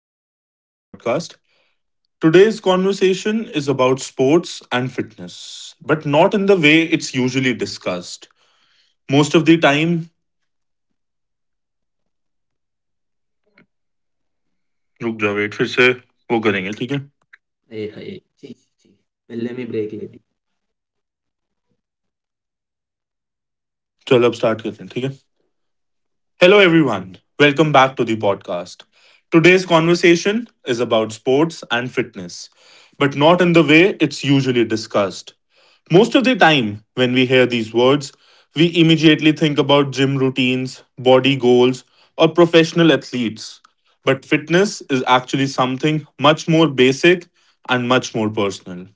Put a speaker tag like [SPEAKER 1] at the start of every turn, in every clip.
[SPEAKER 1] Welcome back to the podcast. Today's conversation is about sports and fitness, but not in the way it's usually discussed. Most of the time, रुक जा wait फिर से वो करेंगे ठीक है
[SPEAKER 2] Hey, hey. Gee, gee, gee. Well, let me break it.
[SPEAKER 1] चलो अब start करते हैं ठीक है. Hello, everyone. Welcome back to the podcast. Today's conversation is about sports and fitness, but not in the way it's usually discussed. Most of the time, when we hear these words, we immediately think about gym routines, body goals, or professional athletes. But fitness is actually something much more basic and much more personal.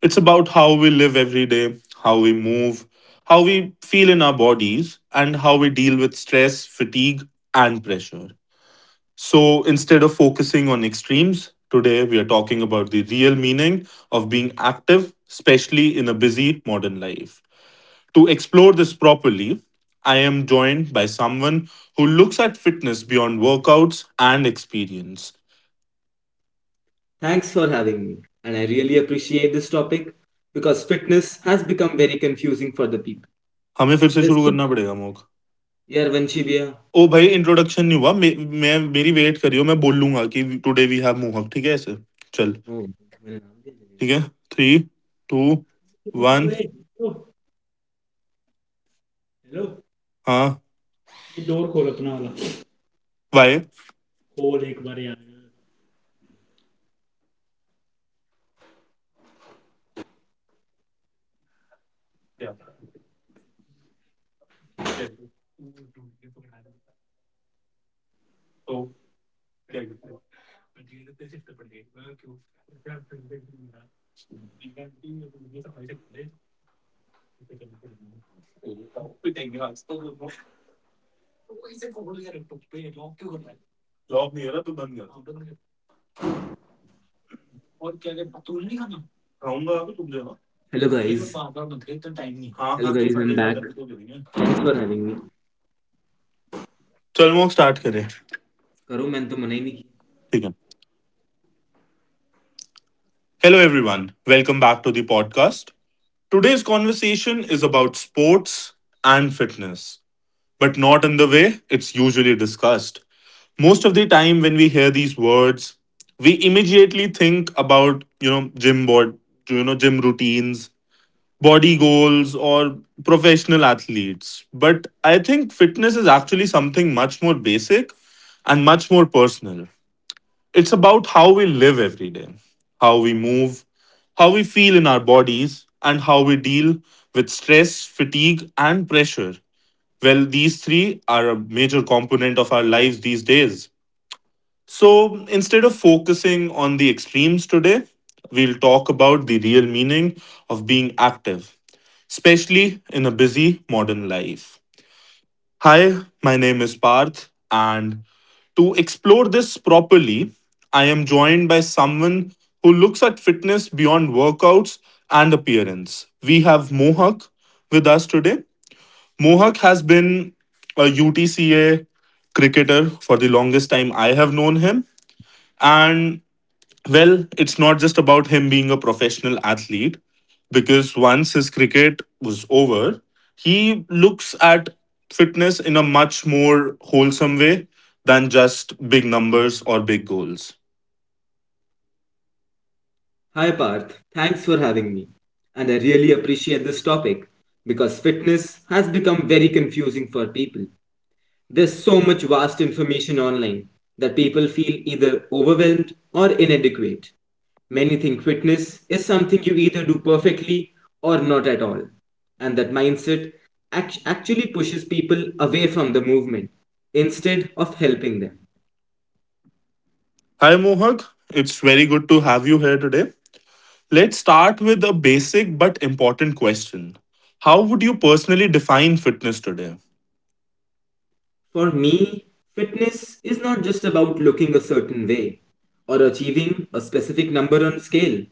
[SPEAKER 1] It's about how we live every day, how we move, how we feel in our bodies, and how we deal with stress, fatigue, and pressure. So instead of focusing on extremes, today we are talking about the real meaning of being active, especially in a busy modern life. To explore this properly, I am joined by someone who looks at fitness beyond workouts and experience.
[SPEAKER 2] Thanks for having me. And I really appreciate this topic because fitness has become very confusing for the people.
[SPEAKER 1] हमें फिर से
[SPEAKER 2] There's
[SPEAKER 1] शुरू
[SPEAKER 2] so
[SPEAKER 1] करना पड़ेगा mock.
[SPEAKER 2] Yeah, Vanshivya.
[SPEAKER 1] ओ भाई introduction नहीं हुआ मे, मैं मेरी वेट करियो मैं बोलूंगा कि टुडे वी हैव मोहक ठीक है ऐसे चल.
[SPEAKER 2] Oh, मेरा नाम क्या चलेगा?
[SPEAKER 1] ठीक है. थ्री, टू,
[SPEAKER 2] और
[SPEAKER 1] वन.
[SPEAKER 2] ओए हेलो हेलो
[SPEAKER 1] हाँ.
[SPEAKER 2] ये डोर खोल अपना वाला
[SPEAKER 1] वाई.
[SPEAKER 2] खोल एक बार यार
[SPEAKER 1] जॉब नहीं है ना तो बंद कर. खाऊंगा अभी तुम देना.
[SPEAKER 2] Hello guys.
[SPEAKER 1] हाँ
[SPEAKER 2] Hello
[SPEAKER 1] हाँ तो
[SPEAKER 2] guys, I'm
[SPEAKER 1] कटेगा
[SPEAKER 2] back.
[SPEAKER 1] तभी तो करेंगे.
[SPEAKER 2] Thanks for having me.
[SPEAKER 1] चल मोहक स्टार्ट करें.
[SPEAKER 2] करो मैंने तो मना ही नहीं किया।
[SPEAKER 1] ठीक है. Hello everyone welcome back to the podcast. Today's conversation is about sports and fitness. But not in the way it's usually discussed. Most of the time, when we hear these words, we immediately think about, gym routines, body goals, or professional athletes. But I think fitness is actually something much more basic and much more personal. It's about how we live every day, how we move, how we feel in our bodies, and how we deal with stress, fatigue, and pressure. Well, these three are a major component of our lives these days. So instead of focusing on the extremes today, we'll talk about the real meaning of being active, especially in a busy modern life. Hi, my name is Parth, and to explore this properly, I am joined by someone who looks at fitness beyond workouts and appearance. We have Mohak with us today. Mohak has been a UTCA cricketer for the longest time I have known him, and well, it's not just about him being a professional athlete, because once his cricket was over, he looks at fitness in a much more wholesome way than just big numbers or big goals.
[SPEAKER 2] Hi Parth. Thanks for having me. And I really appreciate this topic because fitness has become very confusing for people. There's so much vast information online that people feel either overwhelmed or inadequate. Many think fitness is something you either do perfectly or not at all. And that mindset actually pushes people away from the movement instead of helping them.
[SPEAKER 1] Hi, Mohak. It's very good to have you here today. Let's start with a basic but important question. How would you personally define fitness today?
[SPEAKER 2] For me, fitness is not just about looking a certain way or achieving a specific number on scale.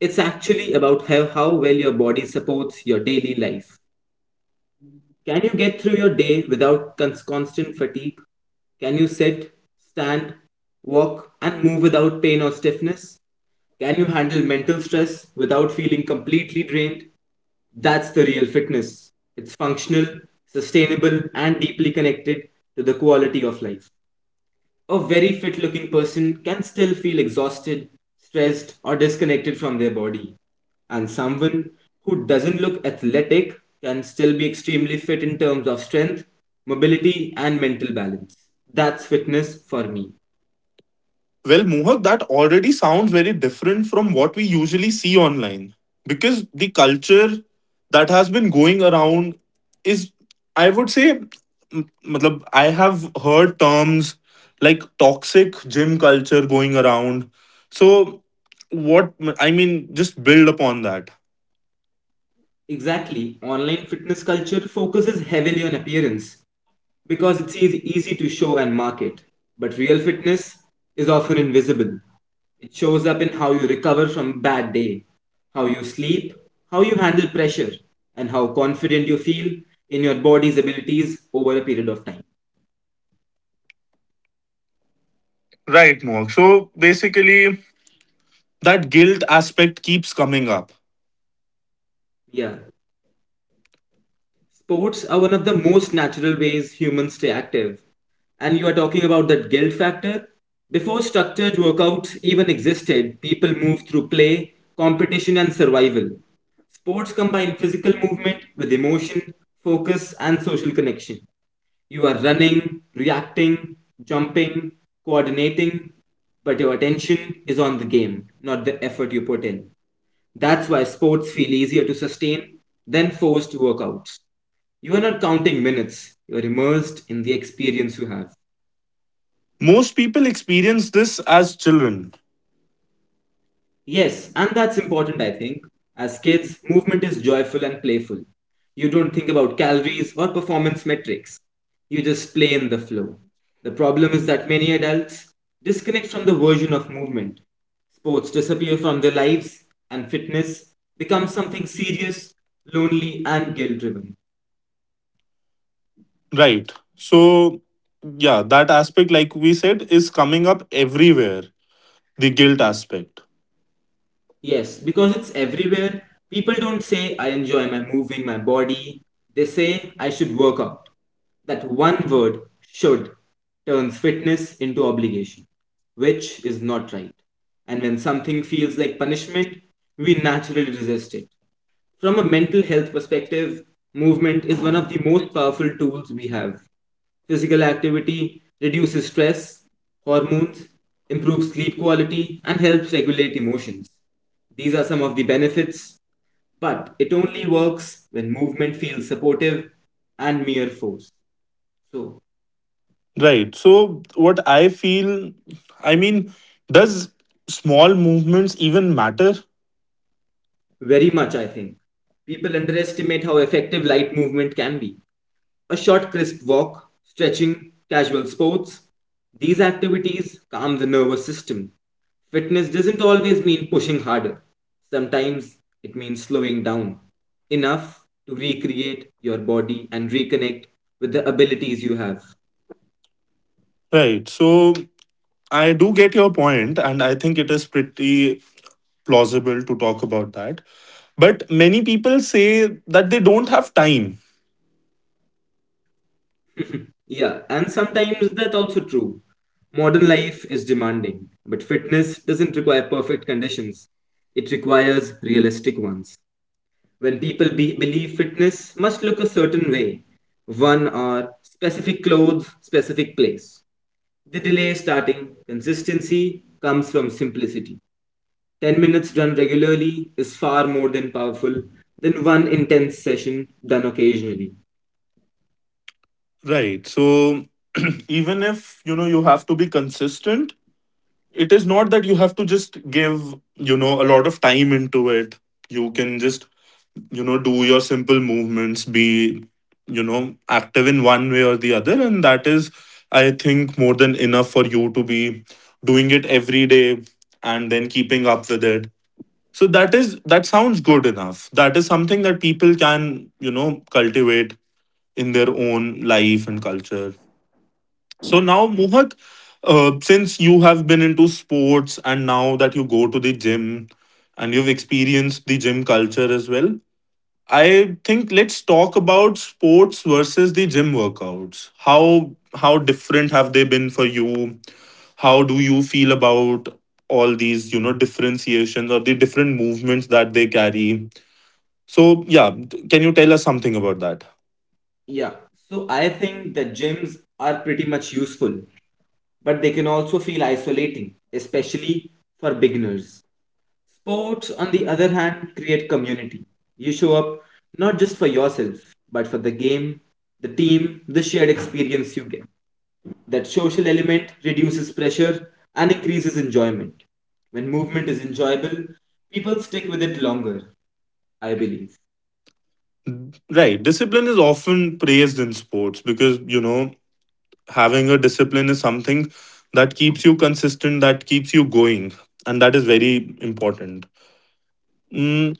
[SPEAKER 2] It's actually about how well your body supports your daily life. Can you get through your day without constant fatigue? Can you sit, stand, walk, and move without pain or stiffness? Can you handle mental stress without feeling completely drained? That's the real fitness. It's functional, sustainable, and deeply connected to the quality of life. A very fit looking person can still feel exhausted, stressed, or disconnected from their body. And someone who doesn't look athletic can still be extremely fit in terms of strength, mobility, and mental balance. That's fitness for me.
[SPEAKER 1] Well, Mohak, that already sounds very different from what we usually see online because the culture that has been going around is, I would say, matlab, I have heard terms like toxic gym culture going around. So, what I mean, just build upon that.
[SPEAKER 2] Exactly. Online fitness culture focuses heavily on appearance because it's easy to show and market. But real fitness is often invisible. It shows up in how you recover from a bad day, how you sleep, how you handle pressure, and how confident you feel in your body's abilities over a period of time.
[SPEAKER 1] Right, Mohak. So, basically, that guilt aspect keeps coming up.
[SPEAKER 2] Yeah. Sports are one of the most natural ways humans stay active. And you are talking about that guilt factor? Before structured workouts even existed, people moved through play, competition, and survival. Sports combine physical movement with emotion, focus, and social connection. You are running, reacting, jumping, coordinating, but your attention is on the game, not the effort you put in. That's why sports feel easier to sustain than forced workouts. You are not counting minutes, you are immersed in the experience you have.
[SPEAKER 1] Most people experience this as children.
[SPEAKER 2] Yes, and that's important, I think. As kids, movement is joyful and playful. You don't think about calories or performance metrics. You just play in the flow. The problem is that many adults disconnect from the version of movement. Sports disappear from their lives, and fitness becomes something serious, lonely, and guilt driven.
[SPEAKER 1] Right. So, yeah, that aspect, like we said, is coming up everywhere, the guilt aspect.
[SPEAKER 2] Yes, because it's everywhere. People don't say, I enjoy my moving my body. They say, I should work out. That one word, should, turns fitness into obligation, which is not right. And when something feels like punishment, we naturally resist it. From a mental health perspective, movement is one of the most powerful tools we have. Physical activity reduces stress, hormones, improves sleep quality, and helps regulate emotions. These are some of the benefits, but it only works when movement feels supportive and mere force. So,
[SPEAKER 1] Right. So, what I feel, I mean, does small movements even matter?
[SPEAKER 2] very much, I think. People underestimate how effective light movement can be. A short, crisp walk, stretching, casual sports, these activities calm the nervous system. Fitness doesn't always mean pushing harder, sometimes it means slowing down enough to recreate your body and reconnect with the abilities you have.
[SPEAKER 1] Right. So, I do get your point, and I think it is pretty plausible to talk about that. But many people say that they don't have time.
[SPEAKER 2] Yeah, and sometimes that's also true. Modern life is demanding, but fitness doesn't require perfect conditions. It requires realistic ones. When people believe fitness must look a certain way, one are specific clothes, specific place. The delay starting consistency comes from simplicity. 10 minutes done regularly is far more than powerful than one intense session done occasionally.
[SPEAKER 1] Right. So, even if you have to be consistent, it is not that you have to just give, a lot of time into it. You can just, do your simple movements, be, active in one way or the other, and that is, I think, more than enough for you to be doing it every day and then keeping up with it. So that sounds good enough. That is something that people can, cultivate in their own life and culture. So now, Mohak, since you have been into sports and now that you go to the gym and you've experienced the gym culture as well, I think let's talk about sports versus the gym workouts. How different have they been for you? How do you feel about all these, you know, differentiations or the different movements that they carry? So, yeah, can you tell us something about that?
[SPEAKER 2] Yeah. So I think the gyms are pretty much useful, but they can also feel isolating, especially for beginners. Sports, on the other hand, create community. You show up not just for yourself, but for the game, the team, the shared experience you get. That social element reduces pressure and increases enjoyment. When movement is enjoyable, people stick with it longer, I believe.
[SPEAKER 1] Right. Discipline is often praised in sports because, you know, having a discipline is something that keeps you consistent, that keeps you going, and that is very important. Mm,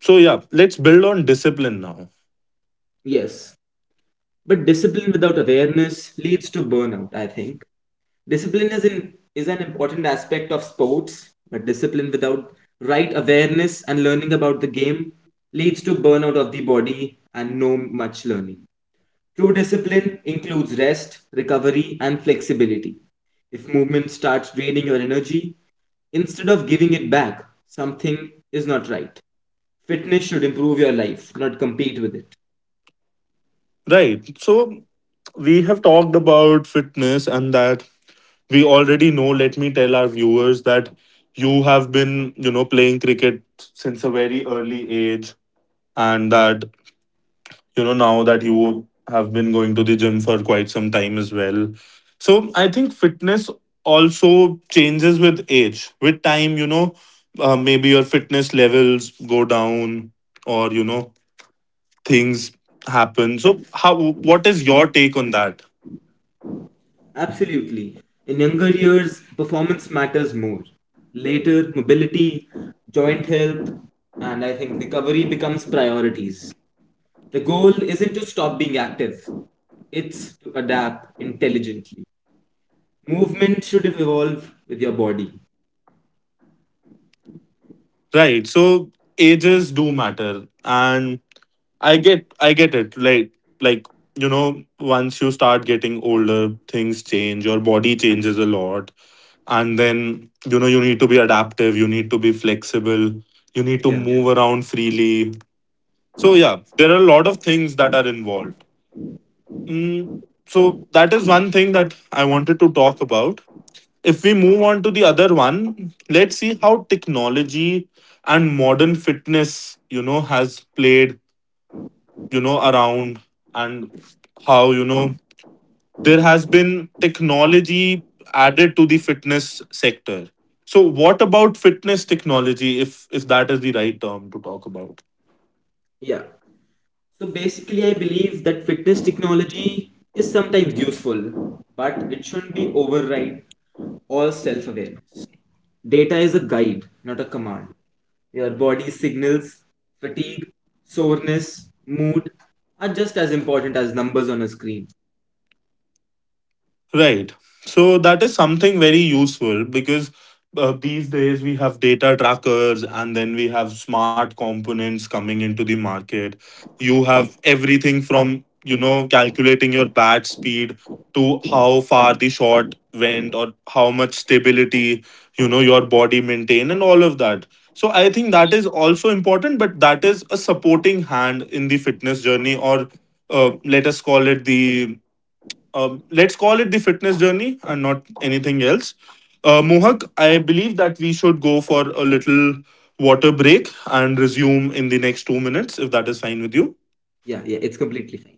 [SPEAKER 1] so, yeah, let's build on discipline now.
[SPEAKER 2] Yes, but discipline without awareness leads to burnout, I think. Discipline is, in, is an important aspect of sports, but discipline without right awareness and learning about the game leads to burnout of the body and no much learning. True discipline includes rest, recovery, and flexibility. If movement starts draining your energy, instead of giving it back, something is not right. Fitness should improve your life, not compete with it.
[SPEAKER 1] Right. So, we have talked about fitness and that we already know. Let me tell our viewers that you have been, you know, playing cricket since a very early age, and that, you know, now that you have been going to the gym for quite some time as well. So I think fitness also changes with age, with time, you know. Maybe your fitness levels go down, or, you know, things happen. So how, what is your take on that?
[SPEAKER 2] Absolutely. In younger years, performance matters more. Later, mobility, joint health, and I think recovery becomes priorities. The goal isn't to stop being active, it's to adapt intelligently. Movement should evolve with your body.
[SPEAKER 1] Right. So ages do matter, and I get it. Like you know, once you start getting older, things change. Your body changes a lot, and then you know you need to be adaptive. You need to be flexible. You need to, yeah,
[SPEAKER 2] Yeah.
[SPEAKER 1] move around freely. So yeah, there are a lot of things that are involved. Mm, so that is one thing that I wanted to talk about. If we move on to the other one, let's see how technology and modern fitness, you know, has played, you know, around, and how, you know, there has been technology added to the fitness sector. So what about fitness technology, if that is the right term to talk about?
[SPEAKER 2] Yeah. So basically, I believe that fitness technology is sometimes useful, but it shouldn't be override all self awareness. Data is a guide, not a command. Your body signals, fatigue, soreness, mood are just as important as numbers on a screen.
[SPEAKER 1] Right. So that is something very useful because, these days we have data trackers, and then we have smart components coming into the market. You have everything from, you know, calculating your bat speed to how far the shot went, or how much stability, you know, your body maintain, and all of that. So I think that is also important, but that is a supporting hand in the fitness journey, or, uh, let us call it the let's call it the fitness journey and not anything else. Mohak, I believe that we should go for a little water break and resume in the next 2 minutes, if that is fine with you.
[SPEAKER 2] Yeah, yeah, it's completely fine.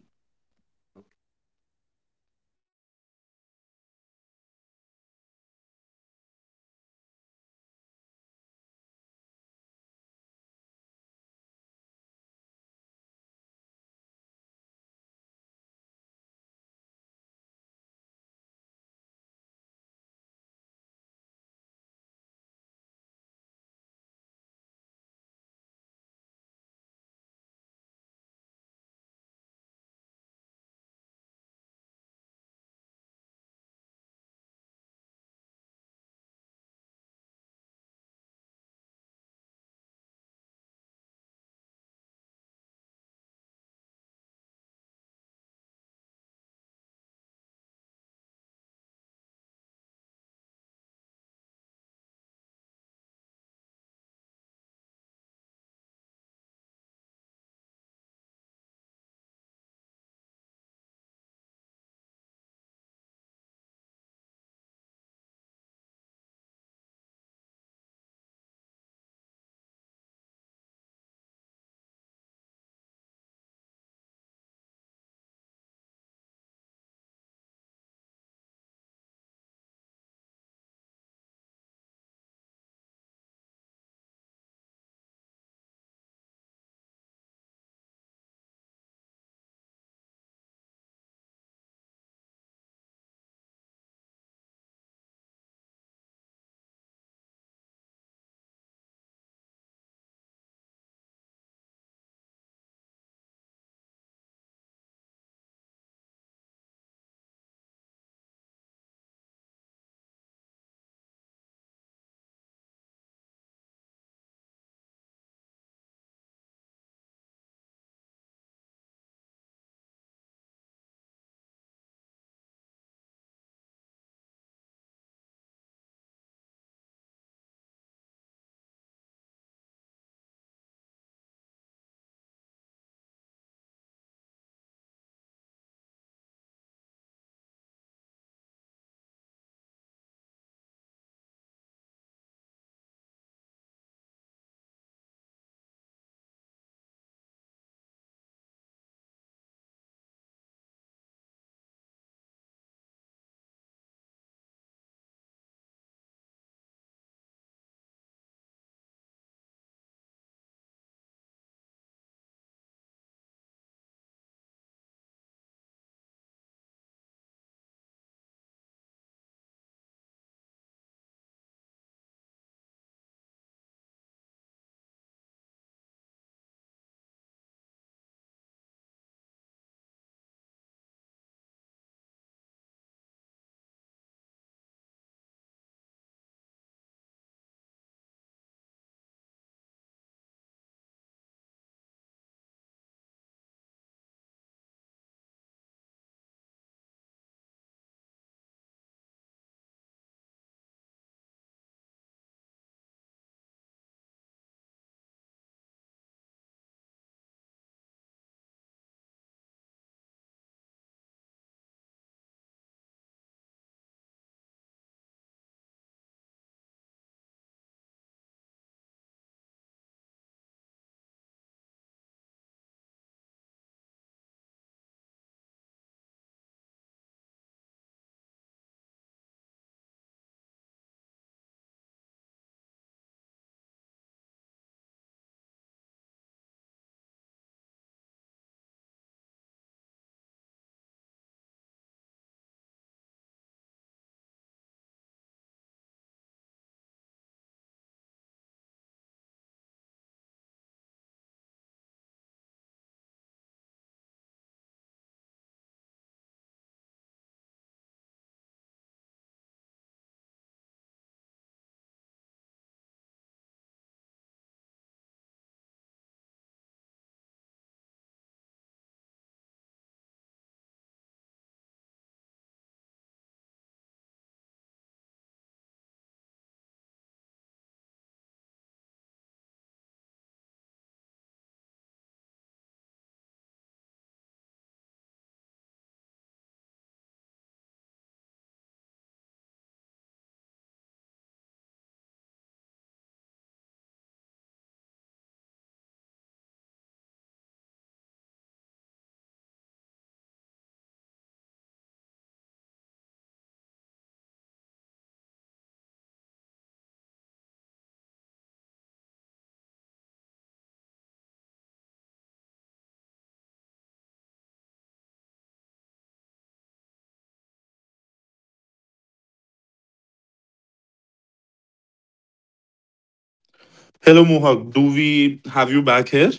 [SPEAKER 1] Hello, Mohak. Do we have you back here?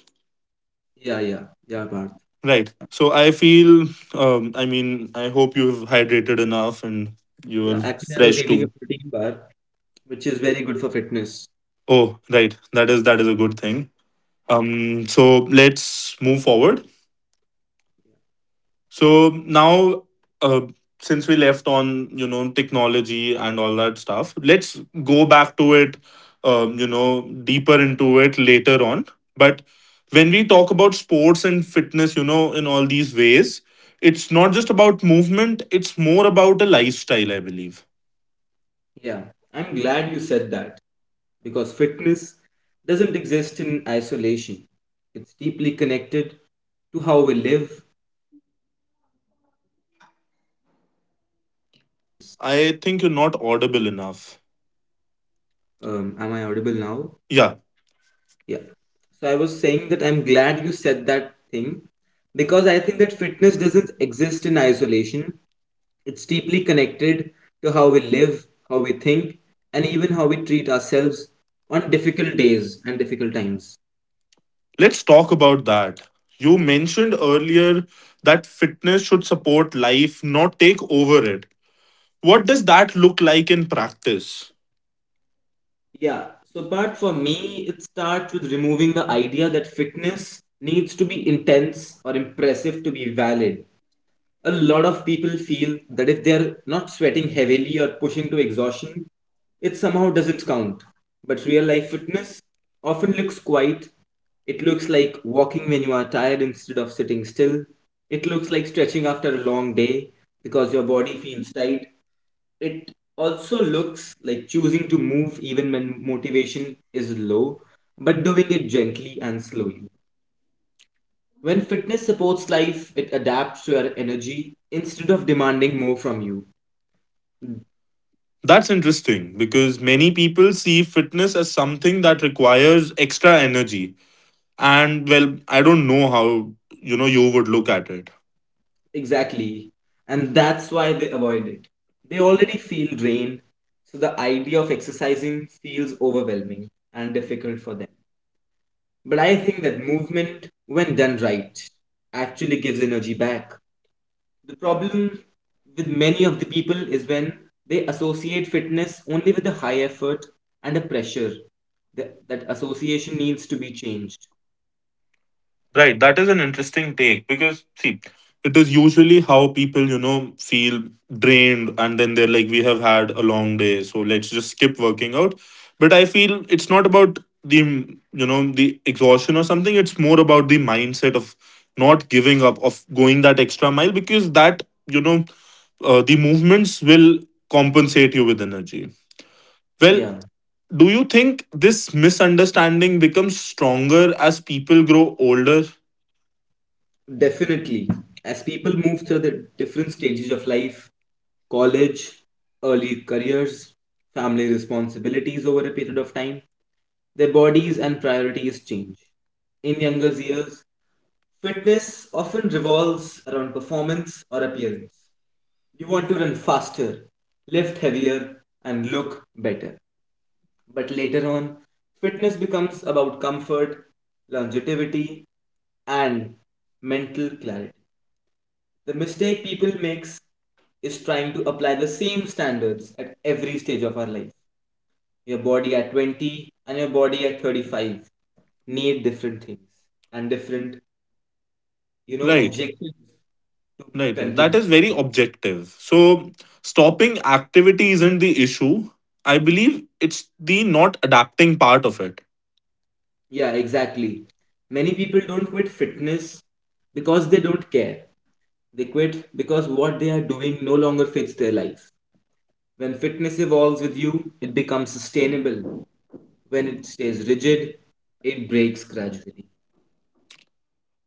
[SPEAKER 2] Okay. Yeah, yeah, yeah, Bart.
[SPEAKER 1] Right. So I feel, I mean, I hope you've hydrated enough and you're
[SPEAKER 2] Yeah, actually, I was
[SPEAKER 1] fresh
[SPEAKER 2] eating a
[SPEAKER 1] too.
[SPEAKER 2] protein bar, which is very good for fitness.
[SPEAKER 1] Oh, right. That is, that is a good thing. So let's move forward. So now, uh, since we left on, you know, technology and all that stuff, let's go back to it. You know, deeper into it later on. But when we talk about sports and fitness, you know, in all these ways, it's not just about movement. It's more about a lifestyle, I believe.
[SPEAKER 2] Yeah, I'm glad you said that because fitness doesn't exist in isolation. It's deeply connected to how we live, how we think, and even how we treat ourselves on difficult days.
[SPEAKER 1] I think you're not audible enough.
[SPEAKER 2] Am I audible now?
[SPEAKER 1] Yeah,
[SPEAKER 2] Yeah. So I was saying that I'm glad you said that thing because I think that fitness doesn't exist in isolation. It's deeply connected to how we live, how we think, and even how we treat ourselves on difficult days and difficult times.
[SPEAKER 1] let's talk about that. You mentioned earlier that fitness should support life, not take over it. What does that look like in practice?
[SPEAKER 2] Yeah, so but for me, it starts with removing the idea that fitness needs to be intense or impressive to be valid. A lot of people feel that if they're not sweating heavily or pushing to exhaustion, it somehow doesn't count. But real life fitness often looks quiet. It looks like walking when you are tired instead of sitting still. It looks like stretching after a long day because your body feels tight. It also looks like choosing to move even when motivation is low, but doing it gently and slowly. When fitness supports life, it adapts to your energy instead of demanding more from you.
[SPEAKER 1] That's interesting because many people see fitness as something that requires extra energy. And well, I don't know how, you know, you would look at it.
[SPEAKER 2] Exactly. And that's why they avoid it. They already feel drained, so the idea of exercising feels overwhelming and difficult for them. But I think that movement, when done right, actually gives energy back. The problem with many of the people is when they associate fitness only with a high effort and a pressure. That association needs to be changed.
[SPEAKER 1] Right, that is an interesting take because see, it is usually how people, you know, feel drained, and then they're like, we have had a long day, so let's just skip working out. But I feel it's not about the, you know, the exhaustion or something. It's more about the mindset of not giving up, of going that extra mile, because that, you know, the movements will compensate you with energy. Well,
[SPEAKER 2] Yeah,
[SPEAKER 1] do you think this misunderstanding becomes stronger as people grow older?
[SPEAKER 2] definitely. As people move through the different stages of life, college, early careers, family responsibilities over a period of time, their bodies and priorities change. In younger years, fitness often revolves around performance or appearance. You want to run faster, lift heavier, and look better. But later on, fitness becomes about comfort, longevity, and mental clarity. The mistake people makes is trying to apply the same standards at every stage of our life. Your body at 20 and your body at 35 need different things and different, you know,
[SPEAKER 1] Right.
[SPEAKER 2] objectives to be
[SPEAKER 1] Right, right. That
[SPEAKER 2] continued.
[SPEAKER 1] is very objective. So, stopping activity isn't the issue. I believe it's the not adapting part of it.
[SPEAKER 2] Yeah, exactly. Many people don't quit fitness because they don't care. They quit because what they are doing no longer fits their life. When fitness evolves with you, it becomes sustainable. When it stays rigid, it breaks gradually.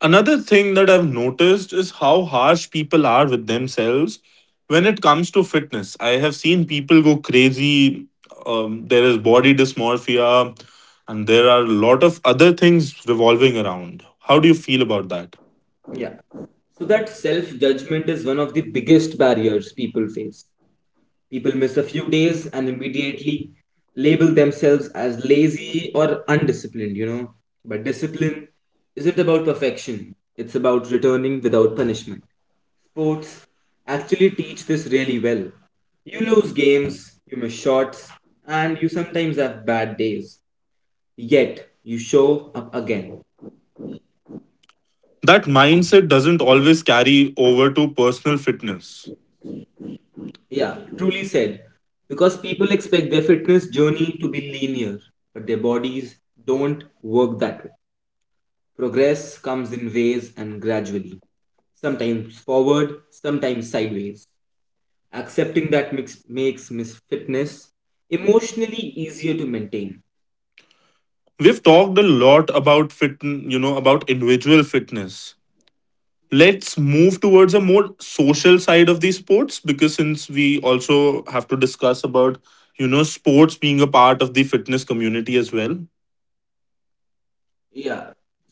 [SPEAKER 1] Another thing that I've noticed is how harsh people are with themselves when it comes to fitness. I have seen people go crazy. There is body dysmorphia, and there are a lot of other things revolving around. How do you feel about that?
[SPEAKER 2] Yeah. So that self judgment is one of the biggest barriers people face. People miss a few days and immediately label themselves as lazy or undisciplined, you know. But discipline isn't about perfection, it's about returning without punishment. Sports actually teach this really well. You lose games, you miss shots, and you sometimes have bad days. Yet, you show up again.
[SPEAKER 1] That mindset doesn't always carry over to personal fitness.
[SPEAKER 2] Yeah, truly said. Because people expect their fitness journey to be linear, but their bodies don't work that way. Progress comes in waves and gradually, sometimes forward, sometimes sideways. Accepting that mix makes miss fitness emotionally easier to maintain.
[SPEAKER 1] We've talked a lot about about individual fitness. Let's move towards a more social side of these sports, because since we also have to discuss about, you know, sports being a part of the fitness community as well.
[SPEAKER 2] Yeah.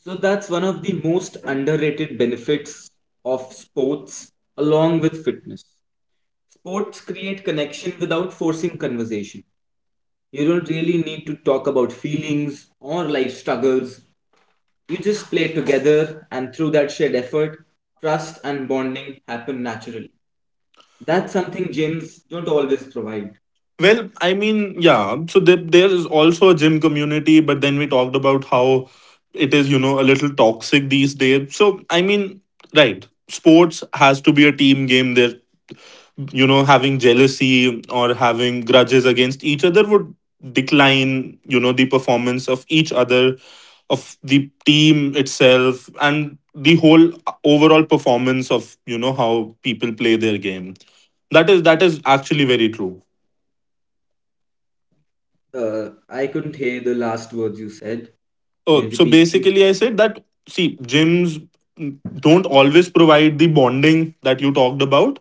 [SPEAKER 2] So that's one of the most underrated benefits of sports along with fitness. Sports create connection without forcing conversation. You don't really need to talk about feelings or life struggles. You just play together, and through that shared effort, trust and bonding happen naturally. That's something gyms don't always provide.
[SPEAKER 1] Well, I mean, yeah, so there is also a gym community, but then we talked about how it is, you know, a little toxic these days. So, I mean, right, sports has to be a team game. There having jealousy or having grudges against each other would decline the performance of each other, of the team itself, and the whole overall performance of how people play their game. That is actually very true.
[SPEAKER 2] I couldn't hear the last words you said. Can you
[SPEAKER 1] Oh, so
[SPEAKER 2] repeat, please?
[SPEAKER 1] basically I said that, see, gyms don't always provide the bonding that you talked about.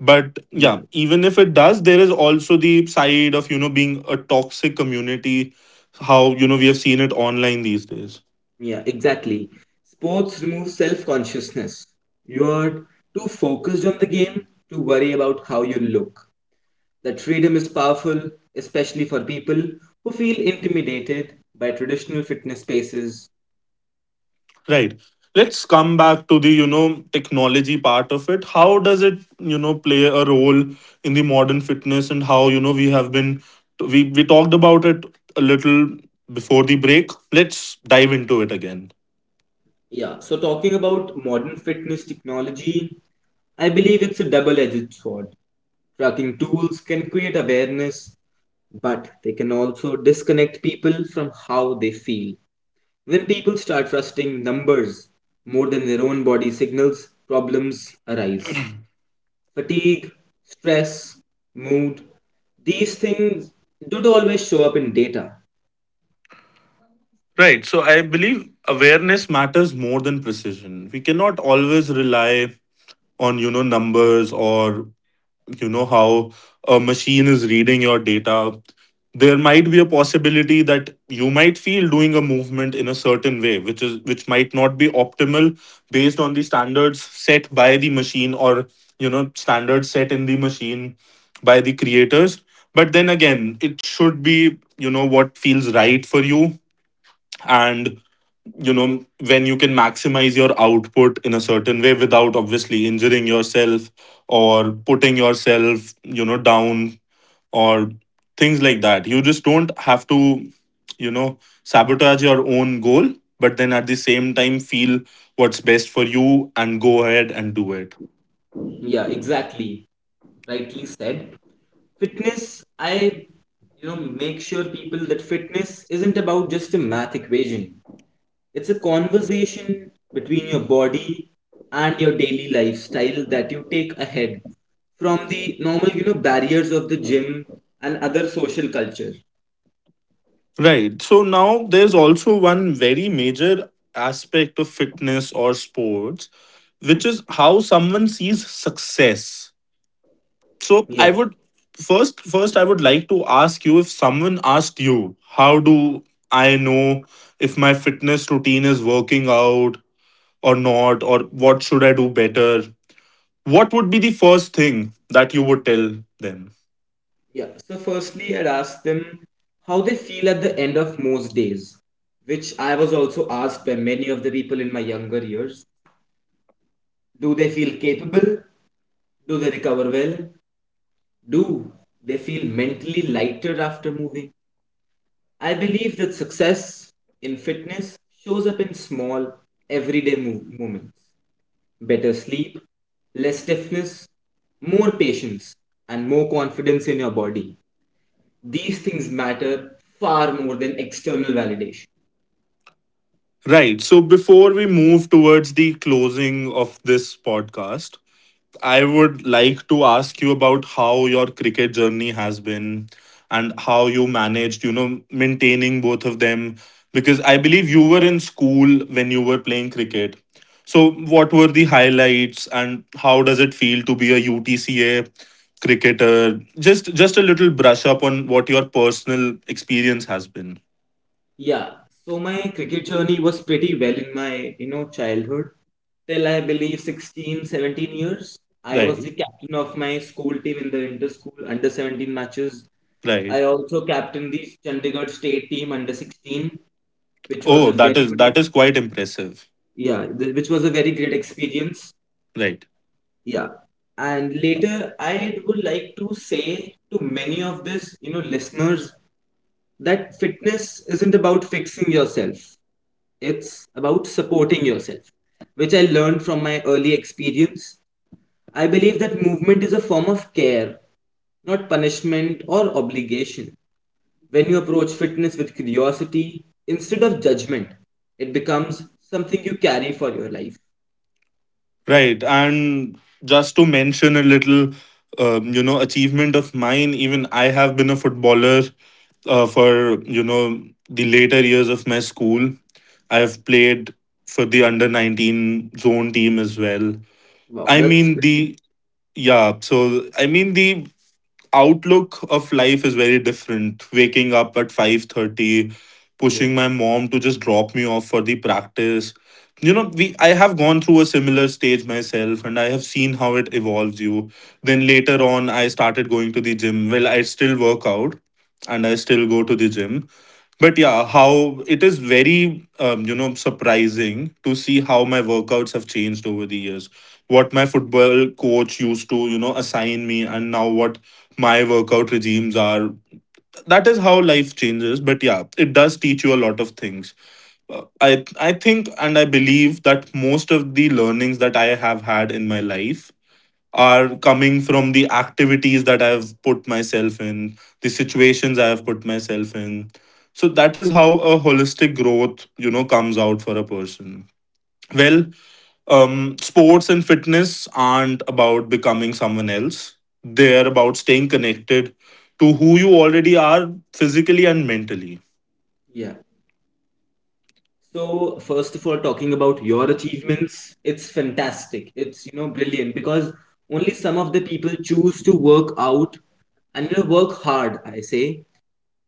[SPEAKER 1] But
[SPEAKER 2] Yeah.
[SPEAKER 1] yeah, even if it does, there is also the side of being a toxic community, how we have seen it online these days.
[SPEAKER 2] Yeah, exactly. Sports remove self consciousness. You're too focused on the game to worry about how you look. That freedom is powerful, especially for people who feel intimidated by traditional fitness spaces.
[SPEAKER 1] Right, let's come back to the technology part of it. How does it play a role in the modern fitness, and how, we have been, we talked about it a little before the break. Let's dive into it again.
[SPEAKER 2] Yeah, so talking about modern fitness technology, I believe it's a double edged sword. Tracking tools can create awareness, but they can also disconnect people from how they feel. When people start trusting numbers more than their own body signals, problems arise. Fatigue, stress, mood, these things don't always show up in data.
[SPEAKER 1] Right. So I believe awareness matters more than precision. We cannot always rely on numbers, or how a machine is reading your data. There might be a possibility that you might feel doing a movement in a certain way which might not be optimal based on the standards set by the machine, or standards set in the machine by the creators. But then again, it should be what feels right for you. And when you can maximize your output in a certain way without obviously injuring yourself, or putting yourself down, or things like that, you just don't have to sabotage your own goal. But then at the same time, feel what's best for you and go ahead and do it.
[SPEAKER 2] Yeah, exactly. Rightly said. Fitness, I make sure people that fitness isn't about just a math equation. It's a conversation between your body and your daily lifestyle that you take ahead from the normal barriers of the gym and other social culture.
[SPEAKER 1] Right, so now there's also one very major aspect of fitness or sports, which is how someone sees success. So I
[SPEAKER 2] Yeah.
[SPEAKER 1] would first first I would like to ask you, if someone asked you, how do I know if my fitness routine is working out or not, or what should I do better, what would be the first thing that you would tell them?
[SPEAKER 2] Yeah. So firstly, I'd ask them how they feel at the end of most days, which I was also asked by many of the people in my younger years. Do they feel capable? Do they recover well? Do they feel mentally lighter after moving? I believe that success in fitness shows up in small, everyday moments: better sleep, less stiffness, more patience, and more confidence in your body. These things matter far more than external validation.
[SPEAKER 1] Right, so before we move towards the closing of this podcast, I would like to ask you about how your cricket journey has been, and how you managed, maintaining both of them. Because I believe you were in school when you were playing cricket. So, what were the highlights and how does it feel to be a UTCA cricketer? Just a little brush up on what your personal experience has been.
[SPEAKER 2] Yeah. So my cricket journey was pretty well in my childhood. Till I believe 16-17 years. I was
[SPEAKER 1] Right,
[SPEAKER 2] the captain of my school team in the inter-school under 17 matches.
[SPEAKER 1] right.
[SPEAKER 2] I also captained the Chandigarh state team under 16, which was
[SPEAKER 1] Oh,
[SPEAKER 2] a
[SPEAKER 1] that
[SPEAKER 2] very
[SPEAKER 1] is
[SPEAKER 2] good,
[SPEAKER 1] that is quite impressive.
[SPEAKER 2] yeah, which was a very great experience.
[SPEAKER 1] Right.
[SPEAKER 2] Yeah. And later, I would like to say to many of this listeners that fitness isn't about fixing yourself, it's about supporting yourself, which I learned from my early experience. I believe that movement is a form of care, not punishment or obligation. When you approach fitness with curiosity instead of judgment, it becomes something you carry for your life.
[SPEAKER 1] Right. And just to mention a little, achievement of mine, even I have been a footballer for the later years of my school. I have played for the under 19 zone team as well.
[SPEAKER 2] Wow,
[SPEAKER 1] I
[SPEAKER 2] That's
[SPEAKER 1] mean, the, yeah, so I mean, the outlook of life is very different. Waking up at 5:30,
[SPEAKER 2] yeah,
[SPEAKER 1] pushing my mom to just drop me off for the practice. You know, we I have gone through a similar stage myself, and I have seen how it evolves you. Then later on, I started going to the gym. Well, I still work out and I still go to the gym, but yeah, how it is very, surprising to see how my workouts have changed over the years. What my football coach used to, assign me, and now what my workout regimes are. That is how life changes. But yeah, it does teach you a lot of things. I think and I believe that most of the learnings that I have had in my life are coming from the activities that I've put myself in, the situations I have put myself in. So that is how a holistic growth, comes out for a person. Well, sports and fitness aren't about becoming someone else. They're about staying connected to who you already are, physically and mentally.
[SPEAKER 2] yeah. So, first of all, talking about your achievements, it's fantastic. It's brilliant because only some of the people choose to work out and work hard, I say,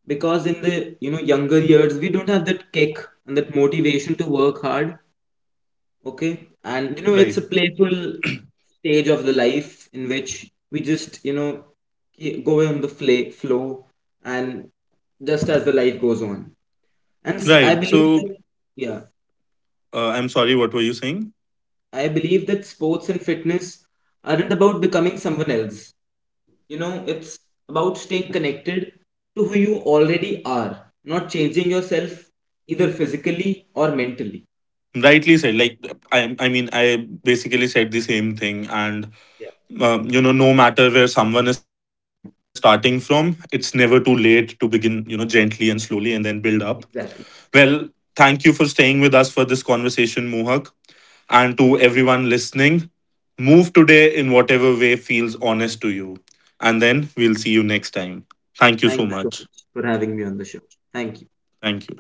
[SPEAKER 2] because in the younger years, we don't have that kick and that motivation to work hard. Okay. And it's
[SPEAKER 1] Right.
[SPEAKER 2] a playful stage of the life in which we just go on the flow and just as the life goes on. And I
[SPEAKER 1] Right.
[SPEAKER 2] believe
[SPEAKER 1] So
[SPEAKER 2] that, yeah.
[SPEAKER 1] I'm sorry, what were you saying?
[SPEAKER 2] I believe that sports and fitness aren't about becoming someone else. It's about staying connected to who you already are, not changing yourself either physically or mentally.
[SPEAKER 1] Rightly said. Like, I mean, I basically said the same thing, and
[SPEAKER 2] Yeah.
[SPEAKER 1] no matter where someone is starting from, it's never too late to begin, gently and slowly, and then build up.
[SPEAKER 2] Exactly.
[SPEAKER 1] Well, thank you for staying with us for this conversation, Mohak, and to
[SPEAKER 2] Thank you.
[SPEAKER 1] everyone listening, move today in whatever way feels honest to you, and then we'll see you next time. Thank you so
[SPEAKER 2] Thank you so
[SPEAKER 1] much.
[SPEAKER 2] much for having me on the show. Thank you.
[SPEAKER 1] Thank you.